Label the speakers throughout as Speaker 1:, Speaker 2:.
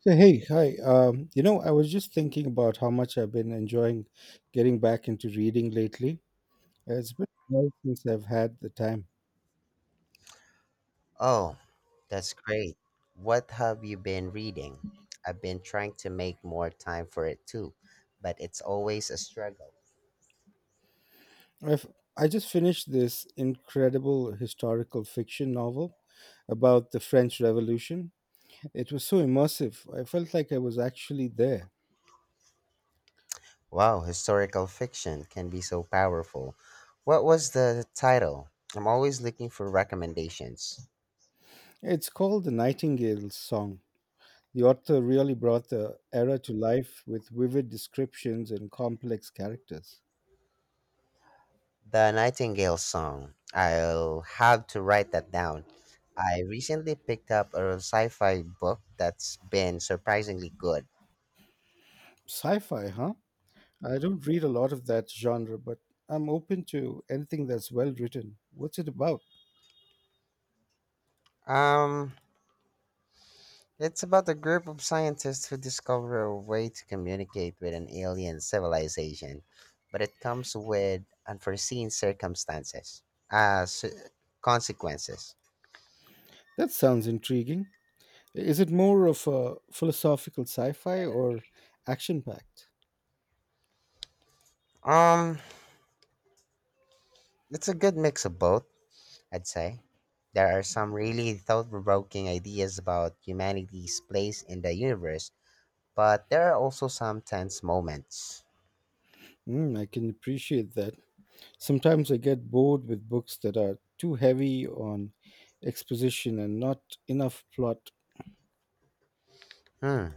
Speaker 1: So, hey, hi. I was just thinking about how much I've been enjoying getting back into reading lately. It's been a while since I've had the time.
Speaker 2: Oh, that's great. What have you been reading? I've been trying to make more time for it too, but it's always a struggle.
Speaker 1: I've, I just finished this incredible historical fiction novel about the French Revolution. It was so immersive. I felt like I was actually there.
Speaker 2: Wow, historical fiction can be so powerful. What was the title? I'm always looking for recommendations.
Speaker 1: It's called The Nightingale's Song. The author really brought the era to life with vivid descriptions and complex characters.
Speaker 2: The Nightingale Song. I'll have to write that down. I recently picked up a sci fi book that's been surprisingly good.
Speaker 1: Sci fi, huh? I don't read a lot of that genre, but I'm open to anything that's well written. What's it about?
Speaker 2: Um, It's about a group of scientists who discover a way to communicate with an alien civilization, but it comes with unforeseen circumstances, uh, s- consequences.
Speaker 1: That sounds intriguing. Is it more of a philosophical sci fi or action packed?
Speaker 2: Um, it's a good mix of both, I'd say. There are some really thought-provoking ideas about humanity's place in the universe, but there are also some tense moments.
Speaker 1: Mm, I can appreciate that. Sometimes I get bored with books that are too heavy on exposition and not enough plot.
Speaker 2: Hmm.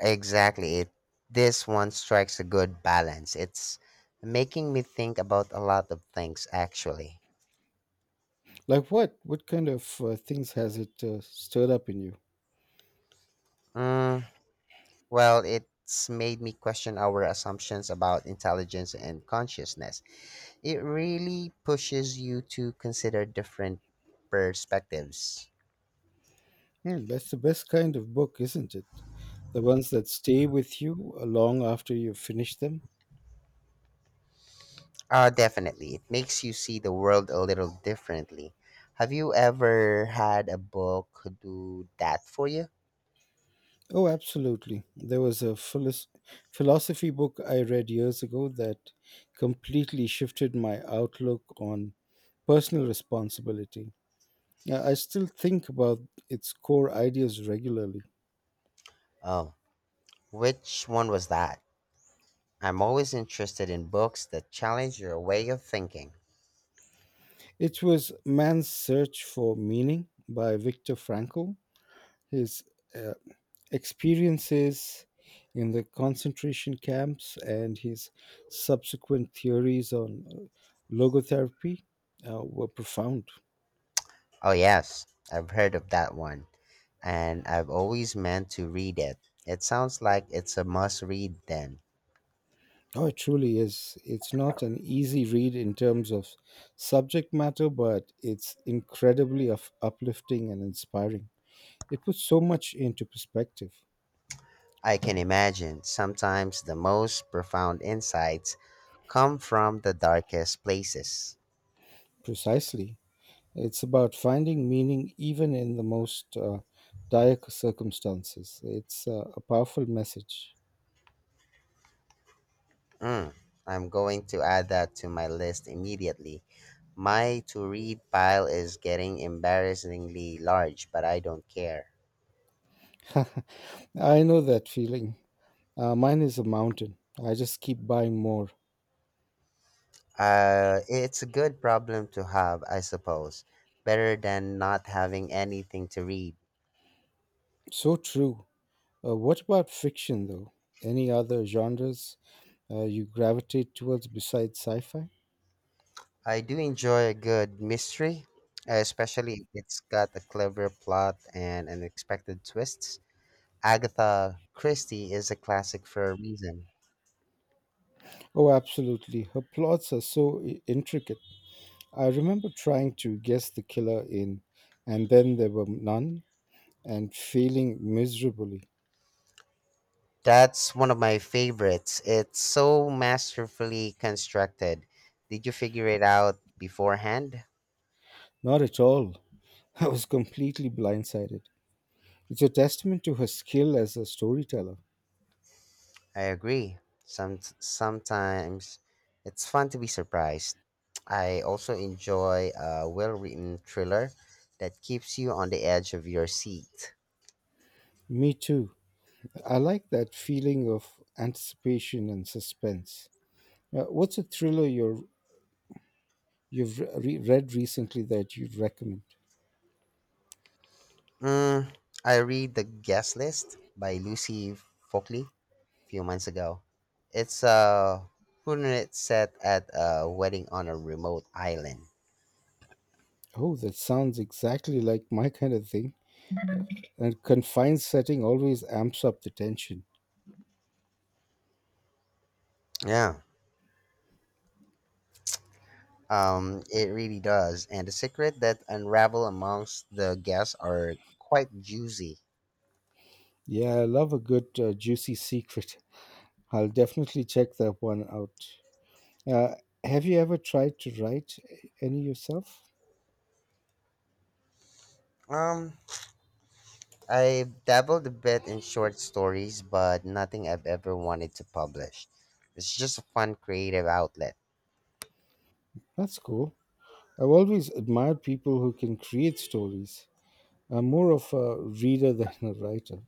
Speaker 2: Exactly. This one strikes a good balance. It's making me think about a lot of things, actually.
Speaker 1: Like what? What kind of things has it stirred up in you?
Speaker 2: Mm, well, it's made me question our assumptions about intelligence and consciousness. It really pushes you to consider different perspectives.
Speaker 1: Yeah, that's the best kind of book, isn't it? The ones that stay with you long after you've finished them.
Speaker 2: Definitely. It makes you see the world a little differently. Have you ever had a book do that for you?
Speaker 1: Oh, absolutely. There was a philosophy book I read years ago that completely shifted my outlook on personal responsibility. Yeah, I still think about its core ideas regularly.
Speaker 2: Oh, which one was that? I'm always interested in books that challenge your way of thinking.
Speaker 1: It was Man's Search for Meaning by Viktor Frankl. His uh, experiences in the concentration camps and his subsequent theories on logotherapy were profound.
Speaker 2: Oh, yes, I've heard of that one, and I've always meant to read it. It sounds like it's a must read then.
Speaker 1: Oh, it truly is. It's not an easy read in terms of subject matter, but it's incredibly of uplifting and inspiring. It puts so much into perspective.
Speaker 2: I can imagine sometimes the most profound insights come from the darkest places.
Speaker 1: Precisely. It's about finding meaning even in the most dire circumstances. It's a powerful message.
Speaker 2: Mm, I'm going to add that to my list immediately. My to read pile is getting embarrassingly large, but I don't care.
Speaker 1: I know that feeling. Mine is a mountain. I just keep buying more.
Speaker 2: It's a good problem to have, I suppose. Better than not having anything to read.
Speaker 1: So true. What about fiction, though? Any other genres you gravitate towards besides sci fi?
Speaker 2: I do enjoy a good mystery, especially if it's got a clever plot and unexpected twists. Agatha Christie is a classic for a reason.
Speaker 1: Oh, absolutely. Her plots are so intricate. I remember trying to guess the killer in And Then There Were None and failing miserably.
Speaker 2: That's one of my favorites. It's so masterfully constructed. Did you figure it out beforehand?
Speaker 1: Not at all. I was completely blindsided. It's a testament to her skill as a storyteller.
Speaker 2: I agree. Sometimes it's fun to be surprised. I also enjoy a well-written thriller that keeps you on the edge of your seat.
Speaker 1: Me too. I like that feeling of anticipation and suspense. What's a thriller you've read recently that you'd recommend?
Speaker 2: Mm, I read The Guest List by Lucy Folkley a few months ago. It's a whodunit set at a wedding on a remote island.
Speaker 1: Oh, that sounds exactly like my kind of thing. And confined setting always amps up the tension.
Speaker 2: Yeah. It really does. And the secret that unravel amongst the guests are quite juicy.
Speaker 1: Yeah, I love a good juicy secret. I'll definitely check that one out. Uh, have you ever tried to write any yourself?
Speaker 2: Um, I've dabbled a bit in short stories, but nothing I've ever wanted to publish. It's just a fun creative outlet.
Speaker 1: That's cool. I've always admired people who can create stories. I'm more of a reader than a writer.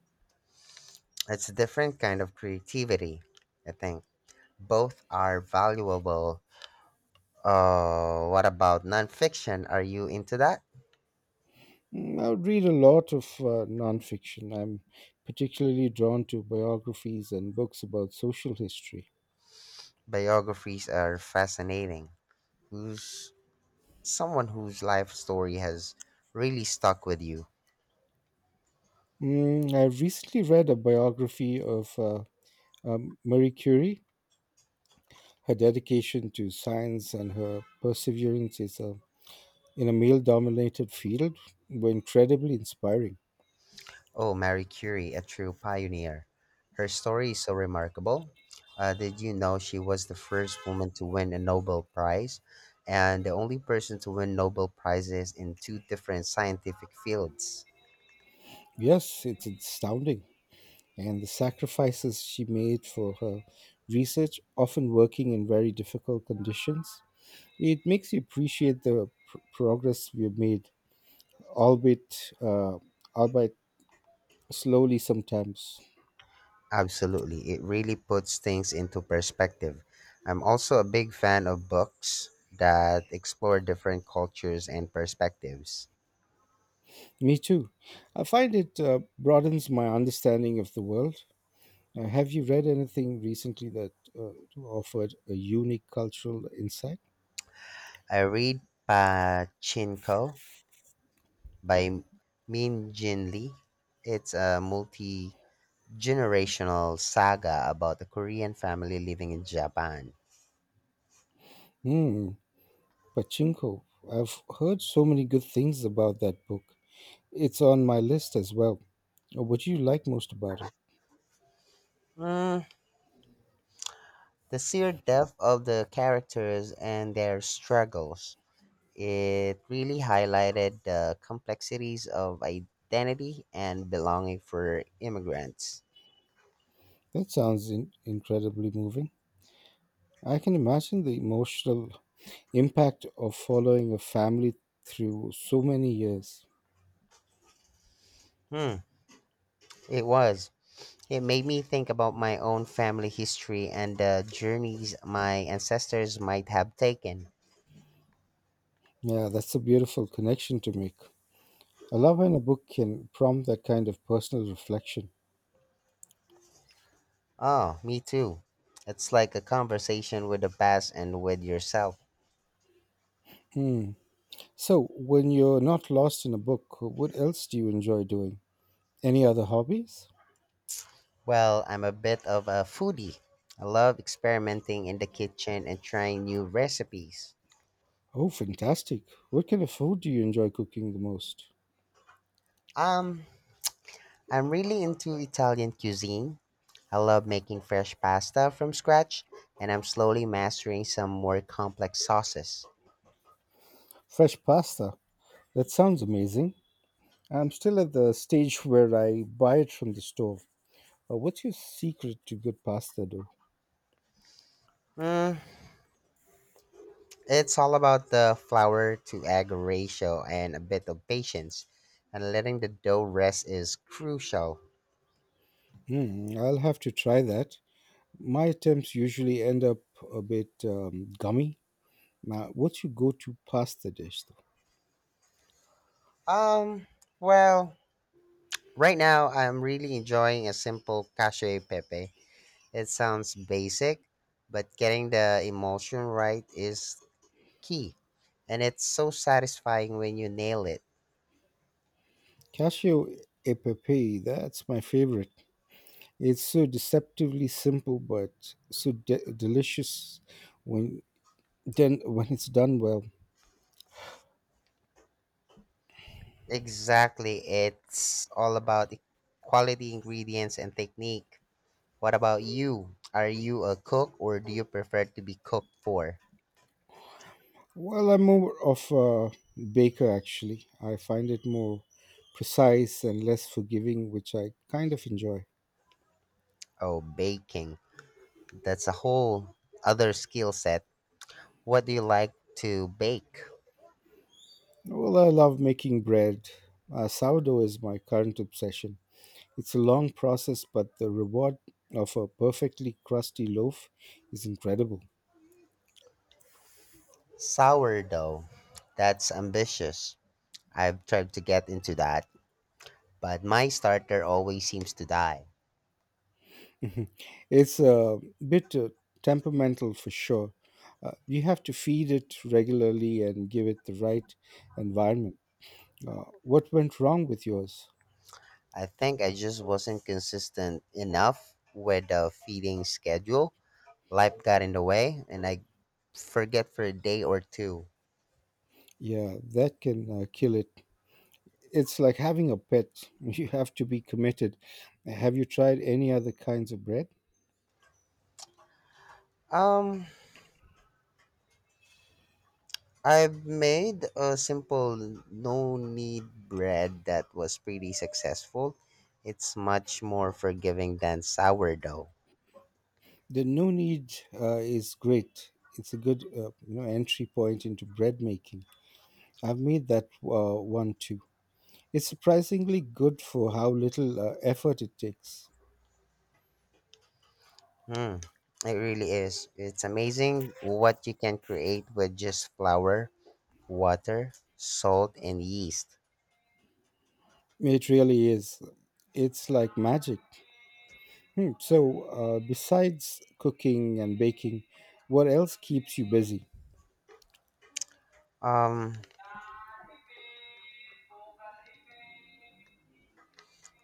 Speaker 2: It's a different kind of creativity, I think. Both are valuable. What about nonfiction? Are you into that?
Speaker 1: Mm, I would read a lot of nonfiction. I'm particularly drawn to biographies and books about social history.
Speaker 2: Biographies are fascinating. Who's someone whose life story has really stuck with you?
Speaker 1: Mm, I recently read a biography of Marie Curie. Her dedication to science and her perseverance is, in a male dominated field were incredibly inspiring.
Speaker 2: Oh, Marie Curie, a true pioneer. Her story is so remarkable. Did you know she was the first woman to win a Nobel Prize and the only person to win Nobel Prizes in two different scientific fields?
Speaker 1: Yes, it's astounding. And the sacrifices she made for her research, often working in very difficult conditions, it makes you appreciate the progress we've made, albeit, uh, albeit slowly sometimes.
Speaker 2: Absolutely. It really puts things into perspective. I'm also a big fan of books that explore different cultures and perspectives.
Speaker 1: Me too. I find it broadens my understanding of the world. Have you read anything recently that uh, offered a unique cultural insight?
Speaker 2: I read Pachinko by Min Jin Lee. It's a multi generational saga about a Korean family living in Japan.
Speaker 1: Hmm, Pachinko. I've heard so many good things about that book. It's on my list as well. What do you like most about it?
Speaker 2: Mm, the sheer depth of the characters and their struggles. It really highlighted the complexities of identity and belonging for immigrants.
Speaker 1: That sounds incredibly moving. I can imagine the emotional impact of following a family through so many years.
Speaker 2: Hmm, it was. It made me think about my own family history and the journeys my ancestors might have taken.
Speaker 1: Yeah, that's a beautiful connection to make. I love when a book can prompt that kind of personal reflection.
Speaker 2: Oh, me too. It's like a conversation with the past and with yourself.
Speaker 1: Hmm. So, when you're not lost in a book, what else do you enjoy doing? Any other hobbies?
Speaker 2: Well, I'm a bit of a foodie. I love experimenting in the kitchen and trying new recipes.
Speaker 1: Oh, fantastic. What kind of food do you enjoy cooking the most?
Speaker 2: Um, I'm really into Italian cuisine. I love making fresh pasta from scratch, and I'm slowly mastering some more complex sauces.
Speaker 1: Fresh pasta. That sounds amazing. I'm still at the stage where I buy it from the store. What's your secret to good pasta dough?
Speaker 2: Mm, it's all about the flour to egg ratio and a bit of patience, and letting the dough rest is crucial.
Speaker 1: Hmm, I'll have to try that. My attempts usually end up a bit gummy. Now, what's your go to pasta dish though?
Speaker 2: Um, well, right now I'm really enjoying a simple cacio e pepe. It sounds basic, but getting the emotion right is key. And it's so satisfying when you nail it.
Speaker 1: Cashew e pepe, that's my favorite. It's so deceptively simple but so delicious when then when it's done well.
Speaker 2: Exactly. It's all about the quality ingredients and technique. What about you? Are you a cook or do you prefer to be cooked for?
Speaker 1: Well, I'm more of a baker actually. I find it more precise and less forgiving, which I kind of enjoy.
Speaker 2: Oh, baking. That's a whole other skill set. What do you like to bake?
Speaker 1: Well, I love making bread. Sourdough is my current obsession. It's a long process, but the reward of a perfectly crusty loaf is incredible.
Speaker 2: Sourdough. That's ambitious. I've tried to get into that, but my starter always seems to die.
Speaker 1: It's a bit temperamental for sure. You have to feed it regularly and give it the right environment. What went wrong with yours?
Speaker 2: I think I just wasn't consistent enough with the feeding schedule. Life got in the way, and I forget for a day or two.
Speaker 1: Yeah, that can kill it. It's like having a pet. You have to be committed. Have you tried any other kinds of bread?
Speaker 2: Um, I've made a simple no need bread that was pretty successful. It's much more forgiving than sourdough.
Speaker 1: The no need is great. It's a good entry point into bread making. I've made that one too. It's surprisingly good for how little effort it takes.
Speaker 2: Hmm. It really is. It's amazing what you can create with just flour, water, salt, and yeast.
Speaker 1: It really is. It's like magic. Hmm. So, besides cooking and baking, what else keeps you busy?
Speaker 2: Um,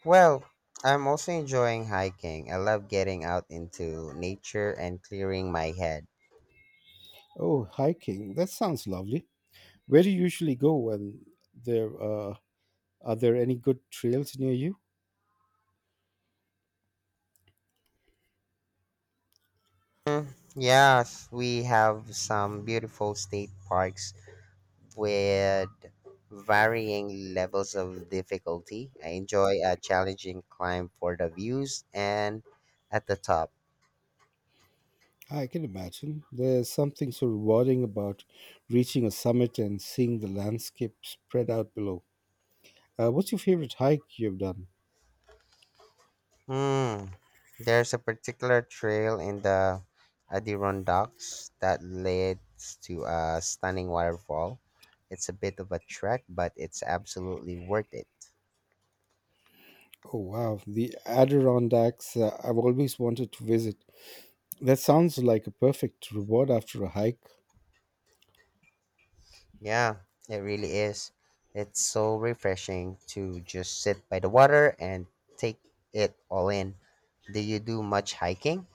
Speaker 2: well, I'm also enjoying hiking. I love getting out into nature and clearing my head.
Speaker 1: Oh, hiking. That sounds lovely. Where do you usually go when there are there any good trails near you?
Speaker 2: Mm, yes, we have some beautiful state parks with varying levels of difficulty. I enjoy a challenging climb for the views and at the top.
Speaker 1: I can imagine there's something so rewarding about reaching a summit and seeing the landscape spread out below. What's your favorite hike you've done?
Speaker 2: Hmm. There's a particular trail in the Adirondacks that leads to a stunning waterfall. It's a bit of a trek, but it's absolutely worth it.
Speaker 1: Oh wow, the Adirondacks! I've always wanted to visit. That sounds like a perfect reward after a hike.
Speaker 2: Yeah, it really is. It's so refreshing to just sit by the water and take it all in. Do you do much hiking?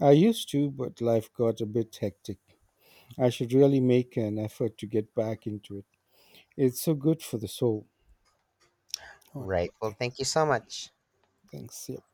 Speaker 1: I used to, but life got a bit hectic. I should really make an effort to get back into it. It's so good for the soul. All right,
Speaker 2: Right. Well,
Speaker 1: thank-
Speaker 2: thank you so much.
Speaker 1: thanks. Yeah.